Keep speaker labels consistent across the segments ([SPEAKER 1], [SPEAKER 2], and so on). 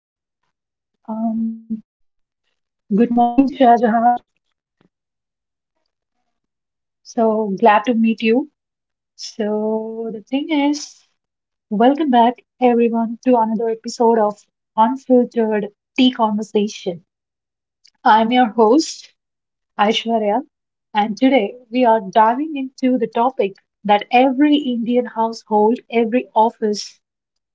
[SPEAKER 1] Okay. Um, Good morning, Shahjahan. So glad to meet you. So the thing is, welcome back everyone to another episode of Unfiltered Tea Conversation. I'm your host, Aishwarya, and today we are diving into the topic that every Indian household, every office,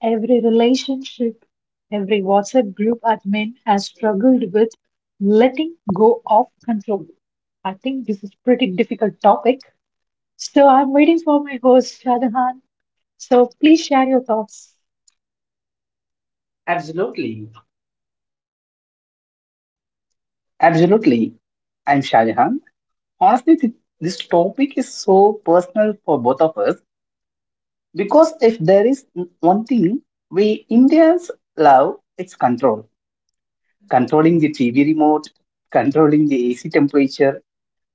[SPEAKER 1] every relationship, every WhatsApp group admin has struggled with letting go of control. I think this is pretty difficult topic. So I'm waiting for my host, Shadahan. So please share your thoughts. Absolutely.
[SPEAKER 2] Absolutely. I'm Shahjahan. Honestly, this topic is so personal for both of us because if there is one thing we Indians love, it's control. Controlling the TV remote, controlling the AC temperature,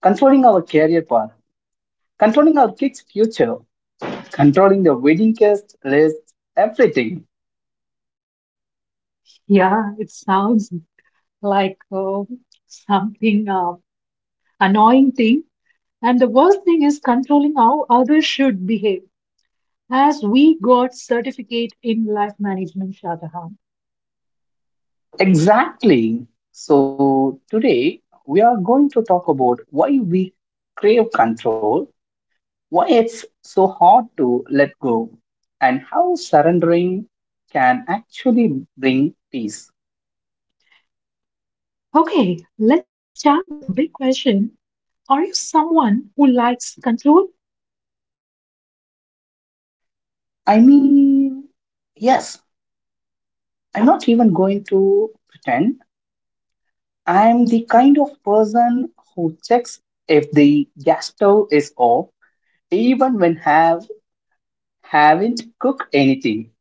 [SPEAKER 2] controlling our career path, controlling our kids' future, controlling the wedding guest list, everything.
[SPEAKER 1] Yeah, it sounds like something annoying thing. And the worst thing is controlling how others should behave, as we got certificate in life management, Shadahan.
[SPEAKER 2] Exactly. So today we are going to talk about why we crave control, why it's so hard to let go, and how surrendering can actually bring peace.
[SPEAKER 1] Okay, let's start with a big question. Are you someone who likes control?
[SPEAKER 2] I mean, yes, I'm not even going to pretend. I'm the kind of person who checks if the gas stove is off, even when have haven't cooked anything.
[SPEAKER 1] Easy.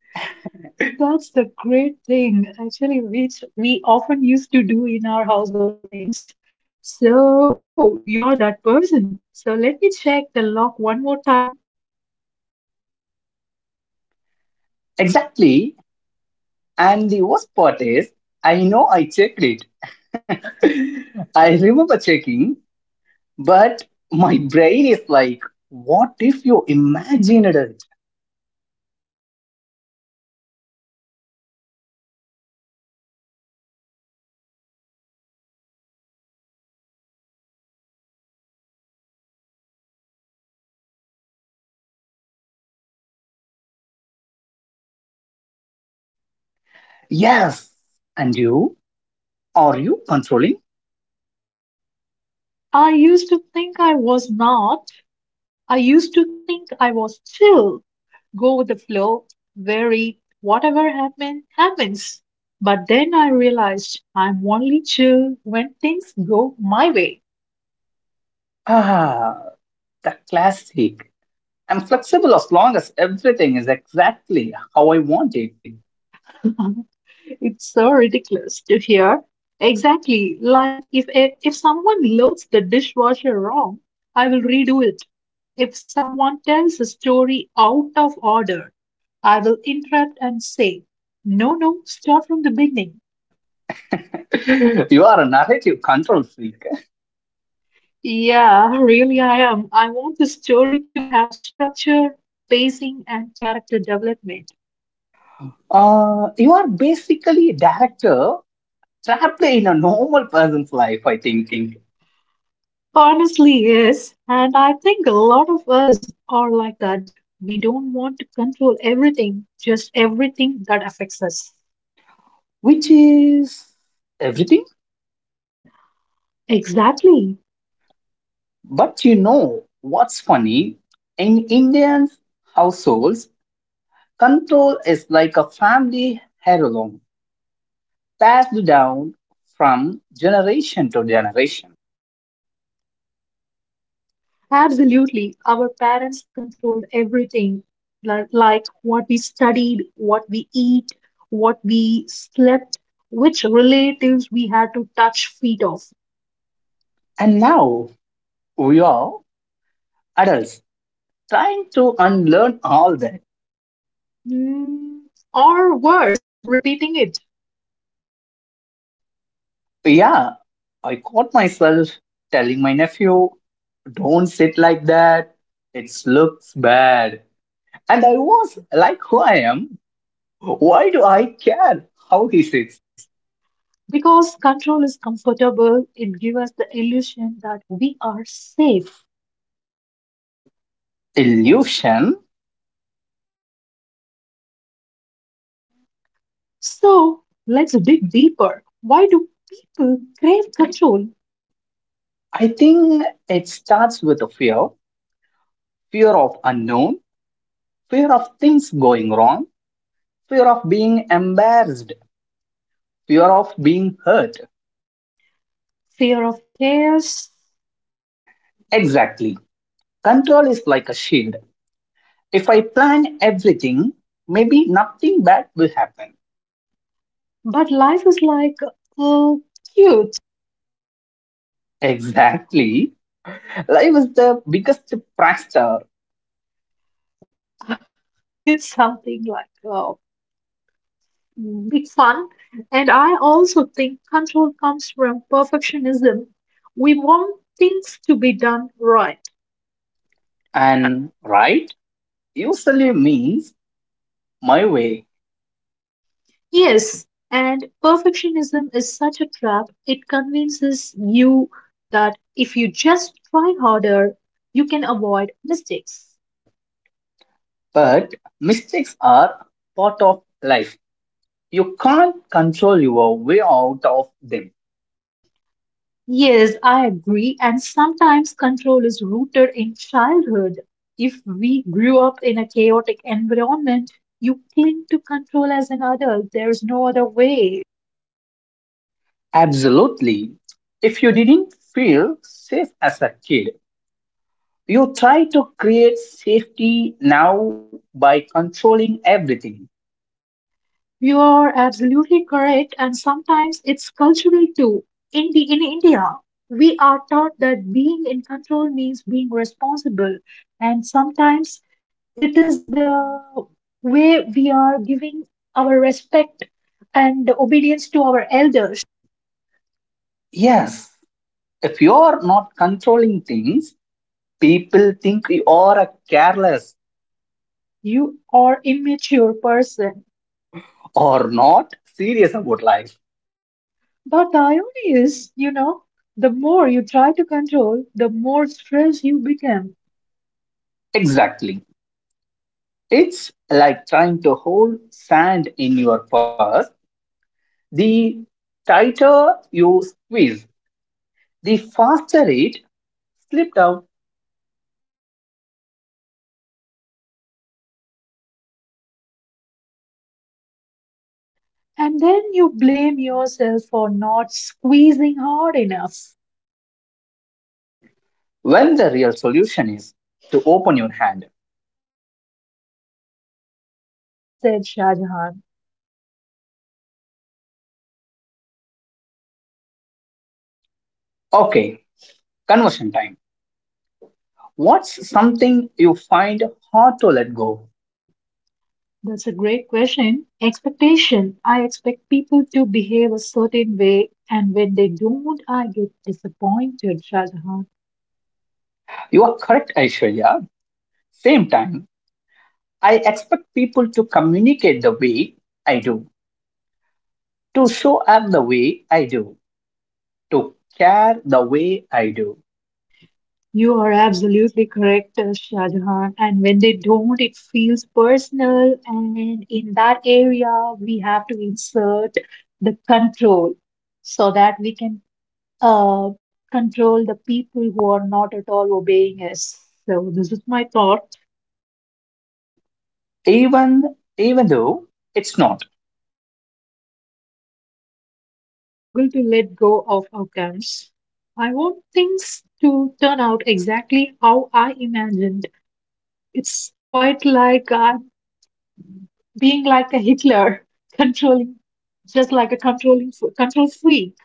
[SPEAKER 1] That's the great thing, actually, which we often used to do in our household things. So, oh, you're that person. So, let me check the lock one more time.
[SPEAKER 2] Exactly. And the worst part is, I know I checked it. I remember checking. But my brain is like, what if you imagined it?
[SPEAKER 1] That's the thing about control. It's not about logic, it's about anxiety, wearing a suit, and protecting, pretending to be responsible.
[SPEAKER 2] Yes. And you? Are you controlling?
[SPEAKER 1] I used to think I was not, I used to think I was chill, go with the flow, very whatever happen, happens. But then I realized I'm only chill when things go my way.
[SPEAKER 2] Ah, the classic. I'm flexible as long as everything is exactly how I want it.
[SPEAKER 1] Wanted. It's so ridiculous to hear. Exactly, like if someone loads the dishwasher wrong, I will redo it. If someone tells a story out of order, I will interrupt and say, "No, no, start from the beginning."
[SPEAKER 2] you are a narrative control freak.
[SPEAKER 1] Yeah, really, I am. I want the story to have structure, pacing, and character development.
[SPEAKER 2] You are basically a director trapped in a normal person's life, I
[SPEAKER 1] Life, I
[SPEAKER 2] think,
[SPEAKER 1] think. Honestly, yes. And I think a lot of us are like that. We don't want to control everything, just everything that affects us.
[SPEAKER 2] which is everything.
[SPEAKER 1] Exactly.
[SPEAKER 2] But you know what's funny? In Indian households, control is like a family heirloom passed down from generation to generation.
[SPEAKER 1] Absolutely. Our parents controlled everything, like what we studied, what we eat, what we slept, which relatives we had to touch feet of.
[SPEAKER 2] And now we are adults trying to unlearn all that.
[SPEAKER 1] Mm, or worse, repeating it.
[SPEAKER 2] Yeah, I caught myself telling my nephew, don't sit like that, it looks bad. And I was like, who I am? Why do I care how he sits?
[SPEAKER 1] Six. Because control is comfortable, it gives us the illusion that we are safe.
[SPEAKER 2] Illusion.
[SPEAKER 1] Mm. So let's dig deeper. Why do people crave control?
[SPEAKER 2] I think it starts with a fear, fear of unknown, fear of things going wrong, fear of being embarrassed, fear of being hurt.
[SPEAKER 1] Fear of chaos?
[SPEAKER 2] Exactly. Control is like a shield. If I plan everything, maybe nothing bad will happen.
[SPEAKER 1] Happen. But life is like uh, cute.
[SPEAKER 2] Exactly. Life is the biggest prankster,
[SPEAKER 1] It's something like big fun. And I also think control comes from perfectionism. We want things to be done right.
[SPEAKER 2] and right usually means my way.
[SPEAKER 1] Yes, and perfectionism is such a trap. It convinces you that if you just try harder, you can avoid mistakes.
[SPEAKER 2] But mistakes are part of life. You can't control your way out of them.
[SPEAKER 1] Yes, I agree. And sometimes control is rooted in childhood. If we grew up in a chaotic environment, you cling to control as an adult. There's no other way.
[SPEAKER 2] Absolutely. If you didn't feel safe as a kid, you try to create safety now by controlling everything.
[SPEAKER 1] You are absolutely correct, and sometimes it's cultural too. In India, we are taught that being in control means being responsible, and sometimes it is the way we are giving our respect and obedience to our elders.
[SPEAKER 2] Yes, if you're not controlling things, people think you are a careless
[SPEAKER 1] Careless. You are immature person.
[SPEAKER 2] or not serious about life.
[SPEAKER 1] But the irony is, the more you try to control, the more stressed you become.
[SPEAKER 2] Exactly. It's like trying to hold sand in your purse. The tighter you squeeze, the faster it slipped out
[SPEAKER 1] And then you blame yourself for not squeezing hard enough.
[SPEAKER 2] when the real solution is to open your hand.
[SPEAKER 1] Beautifully said, Shah Jahan.
[SPEAKER 2] Okay, conversion time. What's something you find hard to let go?
[SPEAKER 1] That's a great question. Expectation. I expect people to behave a certain way, and when they don't, I get disappointed, Shah Jahan.
[SPEAKER 2] You are correct, Aishwarya. Same time, I expect people to communicate the way I do, to show up the way I do, to care the way I do,
[SPEAKER 1] You are absolutely correct, Shah Jahan. And when they don't, it feels personal. And in that area, we have to insert the control so that we can uh, control the people who are not at all obeying us. So, this is my thought.
[SPEAKER 2] even though it's not.
[SPEAKER 1] Exactly. I also struggle to let go of outcomes. I want things to turn out exactly how I imagined. It's quite like being like a Hitler, controlling, just like a controlling, control freak.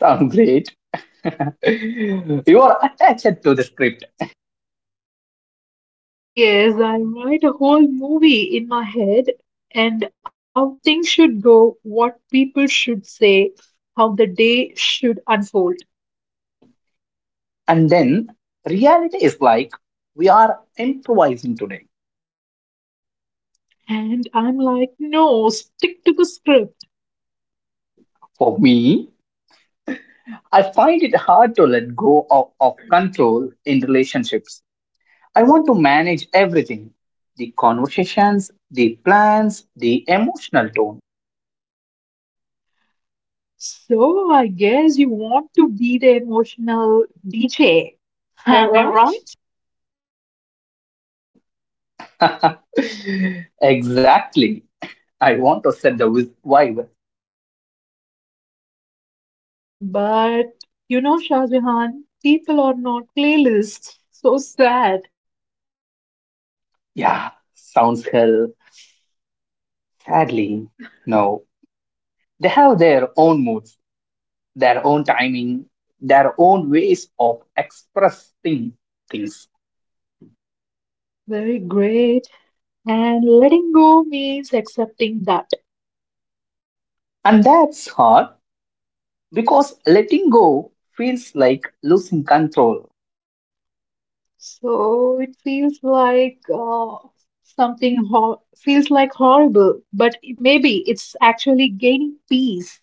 [SPEAKER 2] Sound great? you are attached to the script,
[SPEAKER 1] Yes, I write a whole movie in my head and how things should go, what people should say, how the day should unfold.
[SPEAKER 2] and then reality is like we are improvising today.
[SPEAKER 1] And I'm like, no, stick to the script.
[SPEAKER 2] For me, I find it hard to let go of control in relationships. I want to manage everything, the conversations, the plans, the emotional tone.
[SPEAKER 1] So I guess you want to be the emotional DJ.
[SPEAKER 2] Am I
[SPEAKER 1] Am I
[SPEAKER 2] right?
[SPEAKER 1] right?
[SPEAKER 2] Exactly. I want to set the vibe.
[SPEAKER 1] But you know, Shah Jahan, people are not playlists. So sad.
[SPEAKER 2] Yeah, sounds hell. Sadly, no. They have their own moods, their own timing, their own ways of expressing things.
[SPEAKER 1] Things very great. And letting go means accepting that.
[SPEAKER 2] And that's hard because letting go feels like losing control.
[SPEAKER 1] So it feels like something ho feels like horrible, but maybe it's actually gaining peace.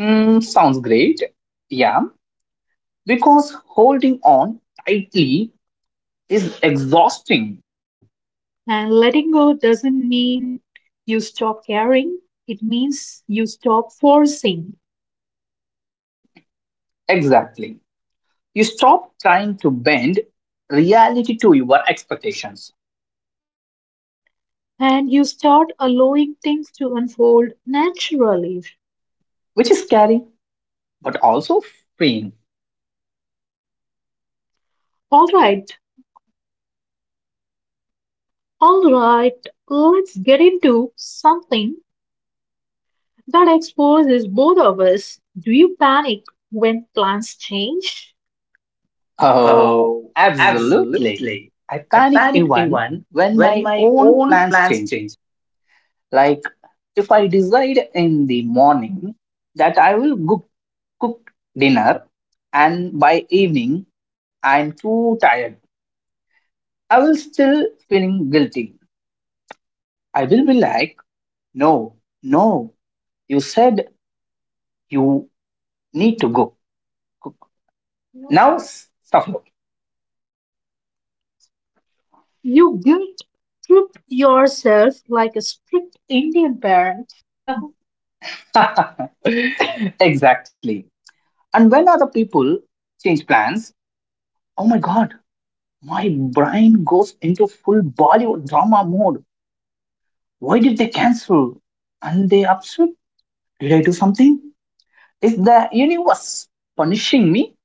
[SPEAKER 2] Mm, sounds great. Yeah, because holding on tightly is exhausting.
[SPEAKER 1] And letting go doesn't mean you stop caring. It means you stop forcing,
[SPEAKER 2] Exactly. You stop trying to bend reality to your expectations,
[SPEAKER 1] and you start allowing things to unfold naturally.
[SPEAKER 2] which is scary but also freeing.
[SPEAKER 1] All right, all right, let's get into something that exposes both of us. Do you panic when plans change?
[SPEAKER 2] Oh,
[SPEAKER 1] Oh,
[SPEAKER 2] absolutely.
[SPEAKER 1] absolutely.
[SPEAKER 2] I
[SPEAKER 1] I
[SPEAKER 2] panic
[SPEAKER 1] panic
[SPEAKER 2] even
[SPEAKER 1] even
[SPEAKER 2] when
[SPEAKER 1] when
[SPEAKER 2] my
[SPEAKER 1] my
[SPEAKER 2] own
[SPEAKER 1] own
[SPEAKER 2] plans
[SPEAKER 1] plans
[SPEAKER 2] change.
[SPEAKER 1] change.
[SPEAKER 2] Like if I decide in the morning that I will go cooked dinner, and by evening, I'm too tired. I will still feeling guilty. I will be like, no, no, you said you need to go cook. Now suffer.
[SPEAKER 1] You guilt trip yourself like a strict Indian parent.
[SPEAKER 2] Exactly. And when other people change plans, oh my god, my brain goes into full Bollywood drama mode. Why did they cancel? And they upset? Did I do something? Is the universe punishing me?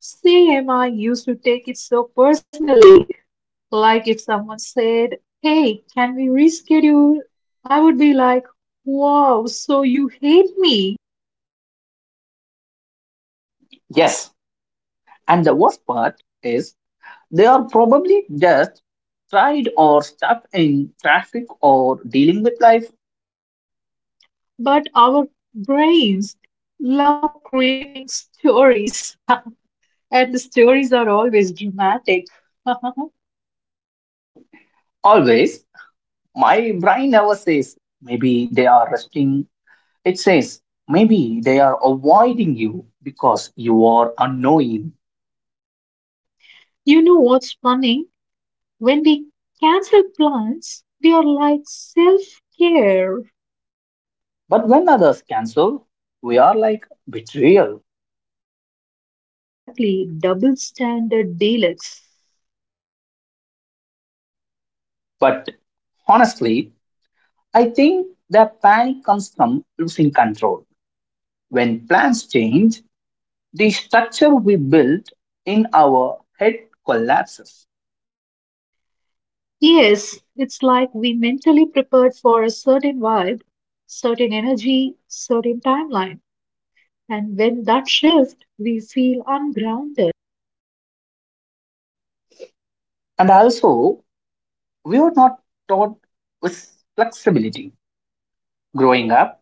[SPEAKER 1] CMI used to take it so personally. Like if someone said, "Hey, can we reschedule?" I would be like, "Wow, so you hate me."
[SPEAKER 2] Yes, and the worst part is they are probably just tired or stuck in traffic or dealing with life.
[SPEAKER 1] But our brains love creating stories, and the stories are always dramatic.
[SPEAKER 2] Always, my brain never says maybe they are resting. It says maybe they are avoiding you because you are unknowing.
[SPEAKER 1] You know what's funny? When we cancel plans, we are like self care.
[SPEAKER 2] But when others cancel, we are like betrayal.
[SPEAKER 1] Exactly, double standard deluxe.
[SPEAKER 2] But honestly, I think that panic comes from losing control. When plans change, the structure we built in our head collapses.
[SPEAKER 1] Yes, it's like we mentally prepared for a certain vibe, certain energy, certain timeline. And when that shifts, we feel ungrounded.
[SPEAKER 2] And also, we were not taught with flexibility. Growing up,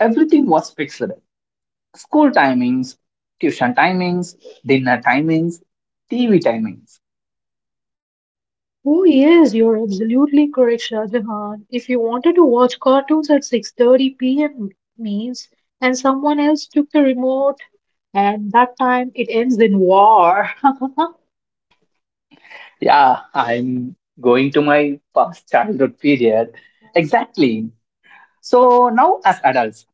[SPEAKER 2] everything was fixed, school timings, tuition timings, dinner timings, TV timings.
[SPEAKER 1] Oh yes, you're absolutely correct, Shahjahan. If you wanted to watch cartoons at 6:30 p.m. means and someone else took the remote, and that time it ends in war.
[SPEAKER 2] Yeah, I'm going to my past childhood period. Exactly. So now, as adults,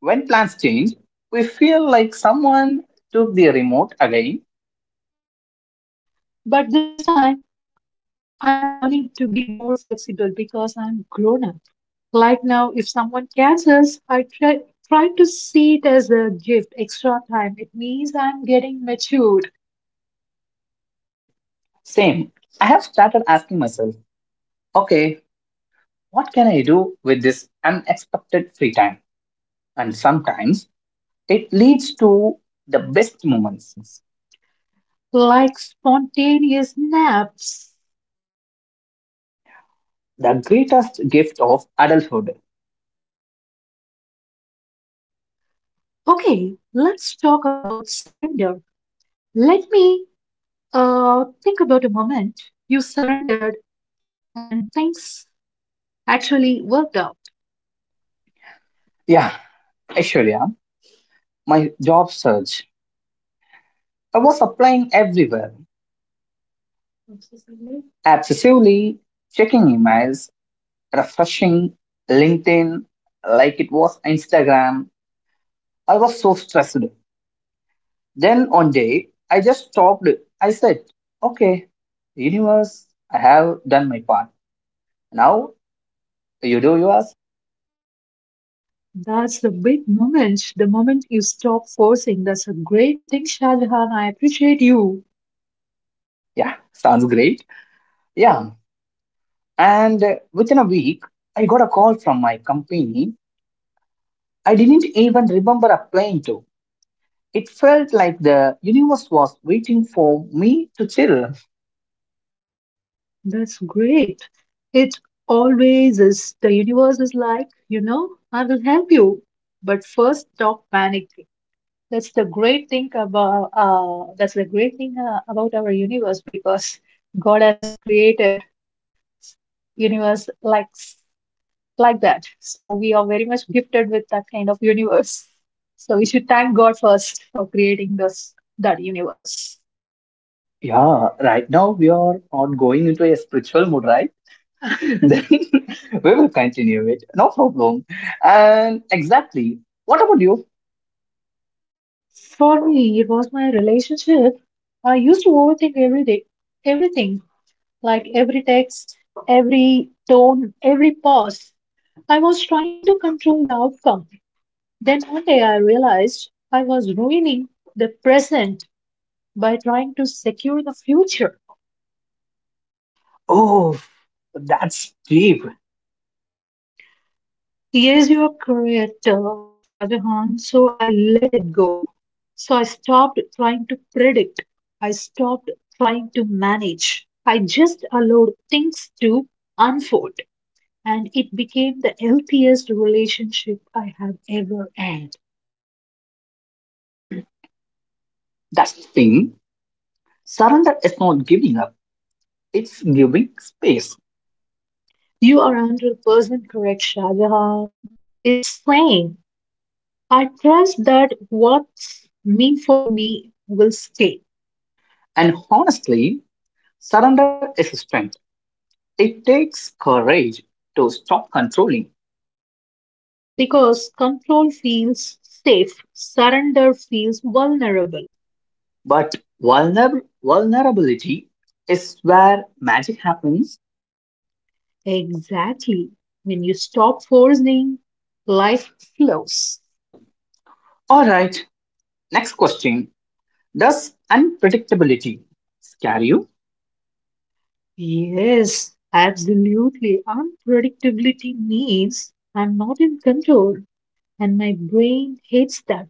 [SPEAKER 2] when plans change, we feel like someone took the remote again.
[SPEAKER 1] But this time I'm learning to be more flexible because I'm grown up. Like now, if someone cancels, I try to see it as a gift, extra time. It means I'm getting matured.
[SPEAKER 2] Same. I have started asking myself, okay, what can I do with this unexpected free time? And sometimes it leads to the best moments,
[SPEAKER 1] Moments, like spontaneous naps.
[SPEAKER 2] the greatest gift of adulthood.
[SPEAKER 1] Okay, let's talk about surrender. Let me think about a moment you surrendered and things actually worked out.
[SPEAKER 2] Yeah, actually, yeah, my job search. I was applying everywhere, obsessively checking emails, refreshing LinkedIn like it was Instagram. I was so stressed. Then one day, I just stopped. I said, okay, universe, I have done my part. Now you do yours.
[SPEAKER 1] That's the big moment, the moment you stop forcing. That's a great thing, Shahjahan. I appreciate you.
[SPEAKER 2] Yeah, sounds great. Yeah. And within a week, I got a call from my company. I didn't even remember applying to. It felt like the universe was waiting for me to chill.
[SPEAKER 1] That's great. It always is. The universe is like, I will help you. But first, stop panicking. That's the great thing about our universe, because God has created universe like that. So we are very much gifted with that kind of universe. So we should thank God first for creating this that universe.
[SPEAKER 2] Yeah, right now we are not going into a spiritual mood, right? then we will continue it. No problem. And exactly. What about you?
[SPEAKER 1] For me, it was my relationship. I used to overthink every day, everything, like every text, every tone, every pause. I was trying to control the outcome. Then one day I realized I was ruining the present by trying to secure the future.
[SPEAKER 2] Oh, that's brave.
[SPEAKER 1] Yes, you are correct, Shah Jahan. So I let it go. So I stopped trying to predict. I stopped trying to manage. I just allowed things to unfold. And it became the healthiest relationship I have ever had.
[SPEAKER 2] That's the thing. Surrender is not giving up, it's giving space.
[SPEAKER 1] You are 100% correct, Shah Jahan. It's saying I trust that what's meant for me will stay,
[SPEAKER 2] And honestly, surrender is a strength. It takes courage to stop controlling.
[SPEAKER 1] because control feels safe, surrender feels vulnerable.
[SPEAKER 2] But vulnerability is where magic happens.
[SPEAKER 1] Exactly. When you stop forcing, life flows.
[SPEAKER 2] All right, next question. Does unpredictability scare you?
[SPEAKER 1] Yes, absolutely. Unpredictability means I'm not in control, and my brain hates that.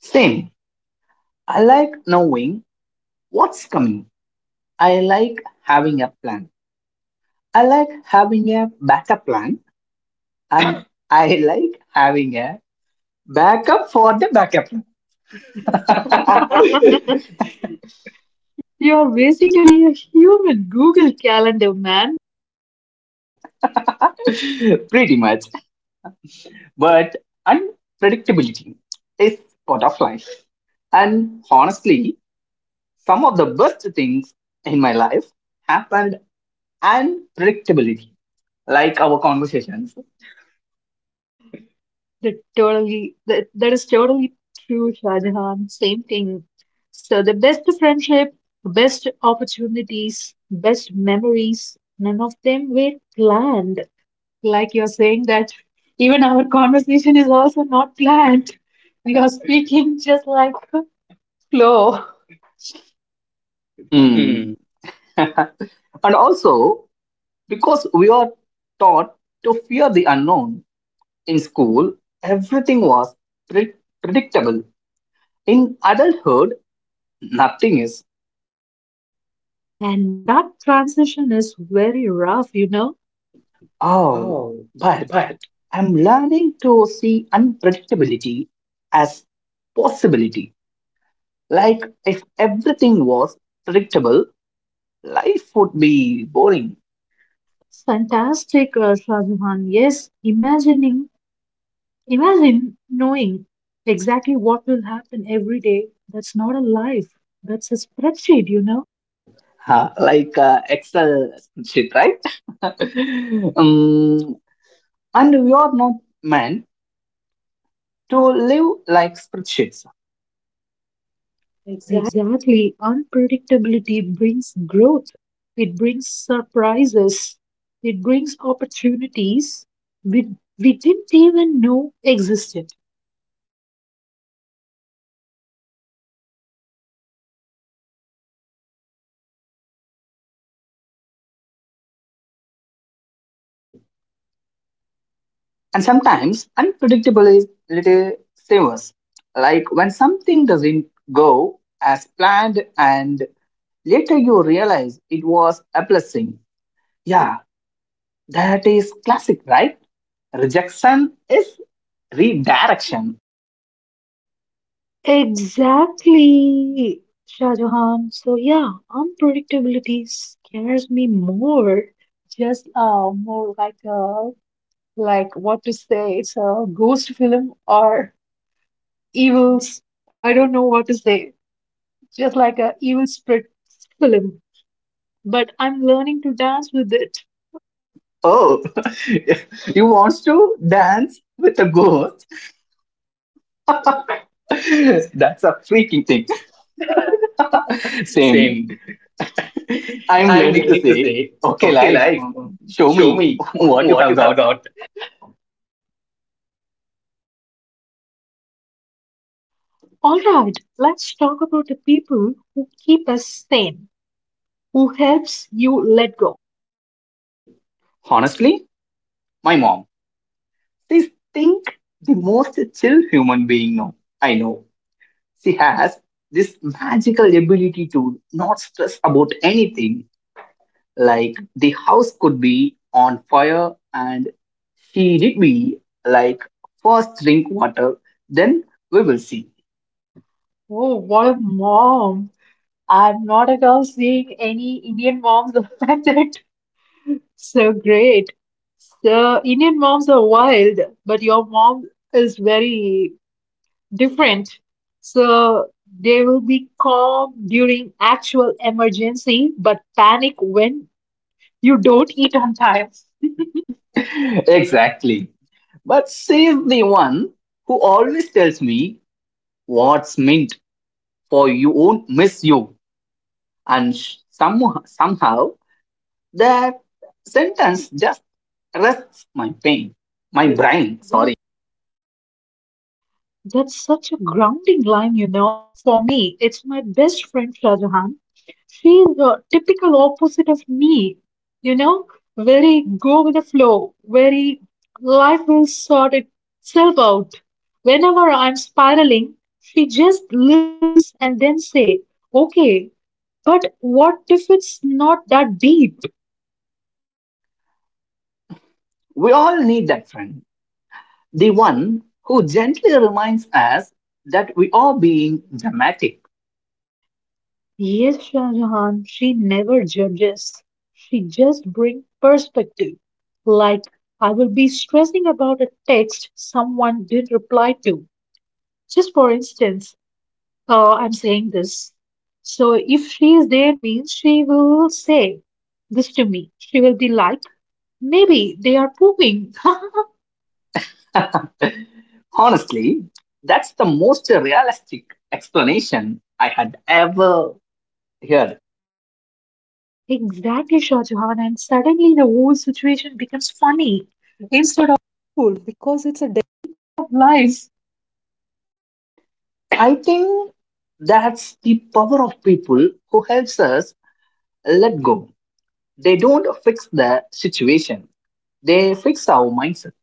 [SPEAKER 2] Same. I like knowing what's coming, I like having a plan. I like having a backup plan and I like having a backup for the backup plan.
[SPEAKER 1] You're basically a human Google Calendar, man.
[SPEAKER 2] Pretty much. But unpredictability is part of life. And honestly, some of the best things in my life happened unpredictability, like our conversations.
[SPEAKER 1] That is totally true, Shahjahan. Same thing. So the best friendship, best opportunities, best memories, none of them were planned. Like you're saying that even our conversation is also not planned. We are speaking just like flow.
[SPEAKER 2] Hmm.
[SPEAKER 1] Mm.
[SPEAKER 2] And also, because we are taught to fear the unknown in school, everything was pre- predictable. In adulthood, nothing is,
[SPEAKER 1] And that transition is very rough.
[SPEAKER 2] oh,
[SPEAKER 1] Oh,
[SPEAKER 2] but
[SPEAKER 1] but
[SPEAKER 2] I'm learning to see unpredictability as possibility. Like if everything was predictable, life would be boring.
[SPEAKER 1] fantastic, Shahjahan. Yes, imagining. Imagine knowing exactly what will happen every day. That's not a life, that's a spreadsheet, you know?
[SPEAKER 2] Huh, like Excel spreadsheet, right? um, and we are not meant to live like spreadsheets.
[SPEAKER 1] Exactly. Unpredictability brings growth, it brings surprises, it brings opportunities we didn't even know existed.
[SPEAKER 2] And sometimes unpredictability savers, like when something doesn't go as planned and later you realize it was a blessing. Yeah, that is classic, right? Rejection is redirection.
[SPEAKER 1] Exactly, Shahjahan. So yeah, unpredictability scares me more. Just more like what to say. It's a ghost film or evils. I don't know what to say. Just like a evil spirit film. But I'm learning to dance with it.
[SPEAKER 2] Oh, Oh, you want to dance with a ghost? That's a freaking thing.
[SPEAKER 1] Thing.
[SPEAKER 2] Same.
[SPEAKER 1] Same.
[SPEAKER 2] I'm
[SPEAKER 1] I'm
[SPEAKER 2] learning to
[SPEAKER 1] learning to
[SPEAKER 2] say,
[SPEAKER 1] say,
[SPEAKER 2] okay,
[SPEAKER 1] okay,
[SPEAKER 2] life,
[SPEAKER 1] life,
[SPEAKER 2] show
[SPEAKER 1] show
[SPEAKER 2] me
[SPEAKER 1] me
[SPEAKER 2] what you
[SPEAKER 1] what
[SPEAKER 2] have
[SPEAKER 1] you have
[SPEAKER 2] got.
[SPEAKER 1] got. All right, let's talk about the people who keep us sane, who helps you let go.
[SPEAKER 2] Honestly, my mom. She's think the most chill human being now. I know. She has this magical ability to not stress about anything. Like the house could be on fire and she did be like, first drink water, then we will see.
[SPEAKER 1] Oh, what a mom! I'm not at all seeing any Indian moms affected. So great. So Indian moms are wild, but your mom is very different. So they will be calm during actual emergency, but panic when you don't eat on time.
[SPEAKER 2] Exactly. But she's the one who always tells me what's meant for you won't miss you. And somehow that sentence just rests my pain, my brain, sorry.
[SPEAKER 1] That's such a grounding line, you know. For me, it's my best friend Shahjahan. She's the typical opposite of me, you know, very go with the flow, very life will sort itself out. Whenever I'm spiraling, she just listens and then say, okay, but what if it's not that deep?
[SPEAKER 2] We all need that friend. The one who gently reminds us that we are being dramatic.
[SPEAKER 1] Yes, Shah Jahan, she never judges. She just brings perspective. Like, I will be stressing about a text someone didn't reply to. Just for instance, I'm saying this. So if she is there, means she will say this to me. She will be like, maybe they are pooping.
[SPEAKER 2] Honestly, that's the most realistic explanation I had ever heard.
[SPEAKER 1] Exactly, Shah Jahan. And suddenly the whole situation becomes funny instead of cool, because it's a day of life.
[SPEAKER 2] I think that's the power of people who helps us let go. They don't fix the situation. They fix our mindset.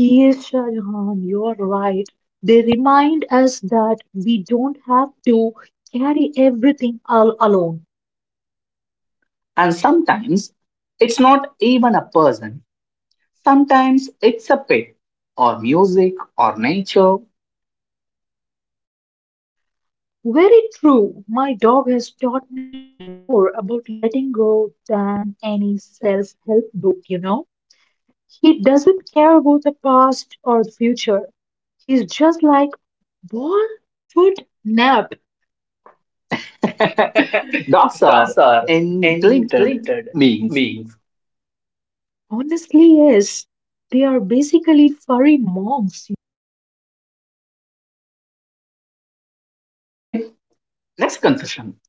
[SPEAKER 1] Yes, Shah Jahan, you're right. They remind us that we don't have to carry everything all alone.
[SPEAKER 2] And sometimes it's not even a person, sometimes it's a pet or music or nature.
[SPEAKER 1] Very true. My dog has taught me more about letting go than any self-help book. He doesn't care about the past or the future. He's just like ball, food, nap.
[SPEAKER 2] Dogs are engendered beings.
[SPEAKER 1] Honestly, yes. They are basically furry monks.
[SPEAKER 2] Okay, next confession.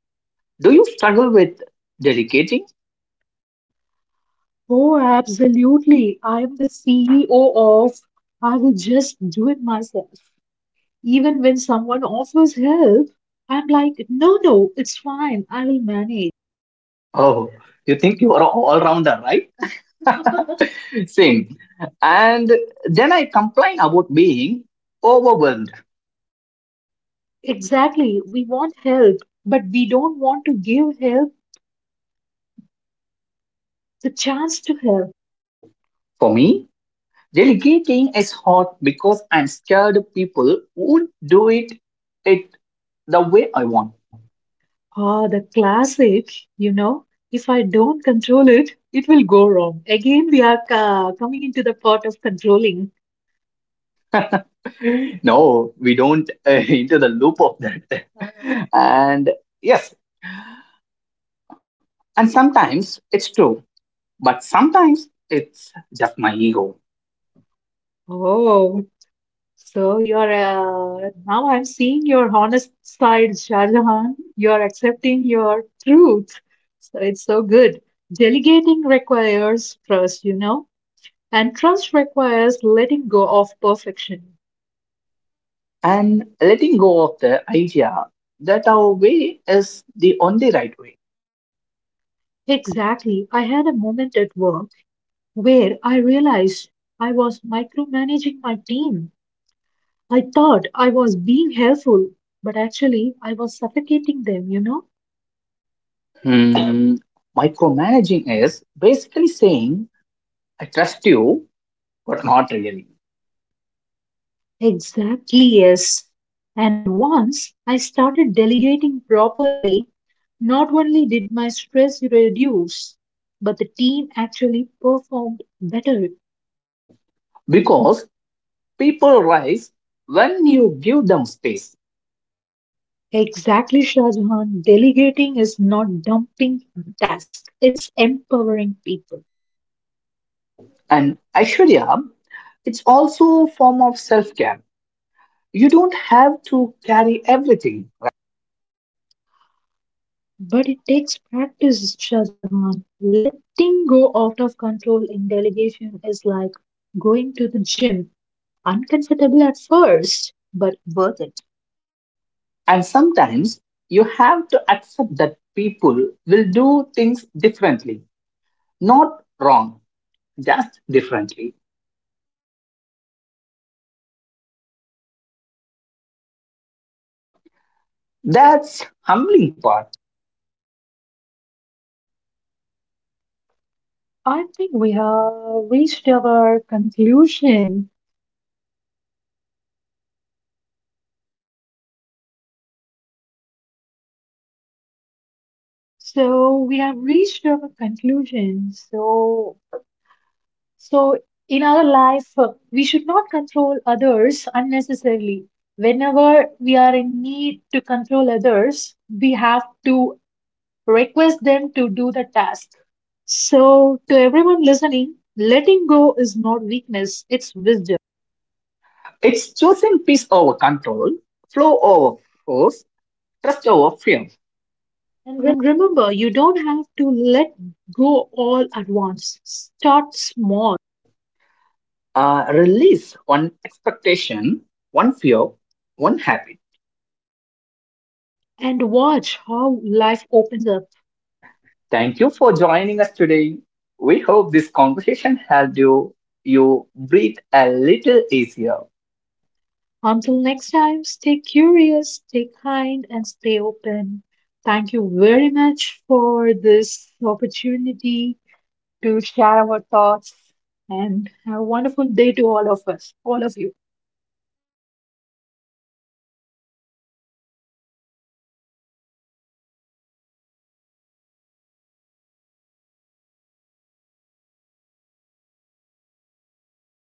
[SPEAKER 2] Do you struggle with dedicating?
[SPEAKER 1] Oh, absolutely. I'm the CEO of I will just do it myself. Even when someone offers help, I'm like, no, no, it's fine. I will manage.
[SPEAKER 2] Oh, you think you are an all rounder, right? Same. And then I complain about being overwhelmed.
[SPEAKER 1] Exactly. We want help, but we don't want to give help the chance to help.
[SPEAKER 2] For me, delegating is hard because I'm scared people won't do it it the way I want.
[SPEAKER 1] One. Ah, the classic, you know, if I don't control it, it will go wrong. Again, we are coming into the part of controlling.
[SPEAKER 2] No, we don't into the loop of that. And yes, and sometimes it's true, but sometimes it's just my ego.
[SPEAKER 1] Oh, so you're now I'm seeing your honest side, Shahjahan. You're accepting your truth. So it's so good. Delegating requires trust, and trust requires letting go of perfection.
[SPEAKER 2] And letting go of the idea that our way is the only right way.
[SPEAKER 1] Exactly. I had a moment at work where I realized I was micromanaging my team. I thought I was being helpful, but actually I was suffocating them, you know?
[SPEAKER 2] Hmm, micromanaging is basically saying, I trust you, but not really.
[SPEAKER 1] Exactly, yes. And once I started delegating properly, not only did my stress reduce, but the team actually performed better.
[SPEAKER 2] Because people rise when you give them space.
[SPEAKER 1] Exactly, Shahjahan. Delegating is not dumping tasks, it's empowering people.
[SPEAKER 2] And Aishwarya, it's also a form of self-care. You don't have to carry everything.
[SPEAKER 1] But it takes practice, Shahjahan. Letting go out of control in delegation is like going to the gym. Uncomfortable at first, but worth it.
[SPEAKER 2] And sometimes you have to accept that people will do things differently. Not wrong, just differently. That's humbling part.
[SPEAKER 1] I think we have reached our conclusion. So we have reached our conclusion. So in our life, we should not control others unnecessarily. Whenever we are in need to control others, we have to request them to do the task. So, to everyone listening, letting go is not weakness, it's wisdom.
[SPEAKER 2] It's choosing peace over control, flow over force, trust over fear.
[SPEAKER 1] And remember, you don't have to let go all at once. Start small
[SPEAKER 2] Release one expectation, one fear, one habit.
[SPEAKER 1] and watch how life opens up.
[SPEAKER 2] Thank you for joining us today. We hope this conversation helped you breathe a little easier.
[SPEAKER 1] Until next time, stay curious, stay kind, and stay open. Thank you very much for this opportunity to share our thoughts and have a wonderful day to all of us, all of you.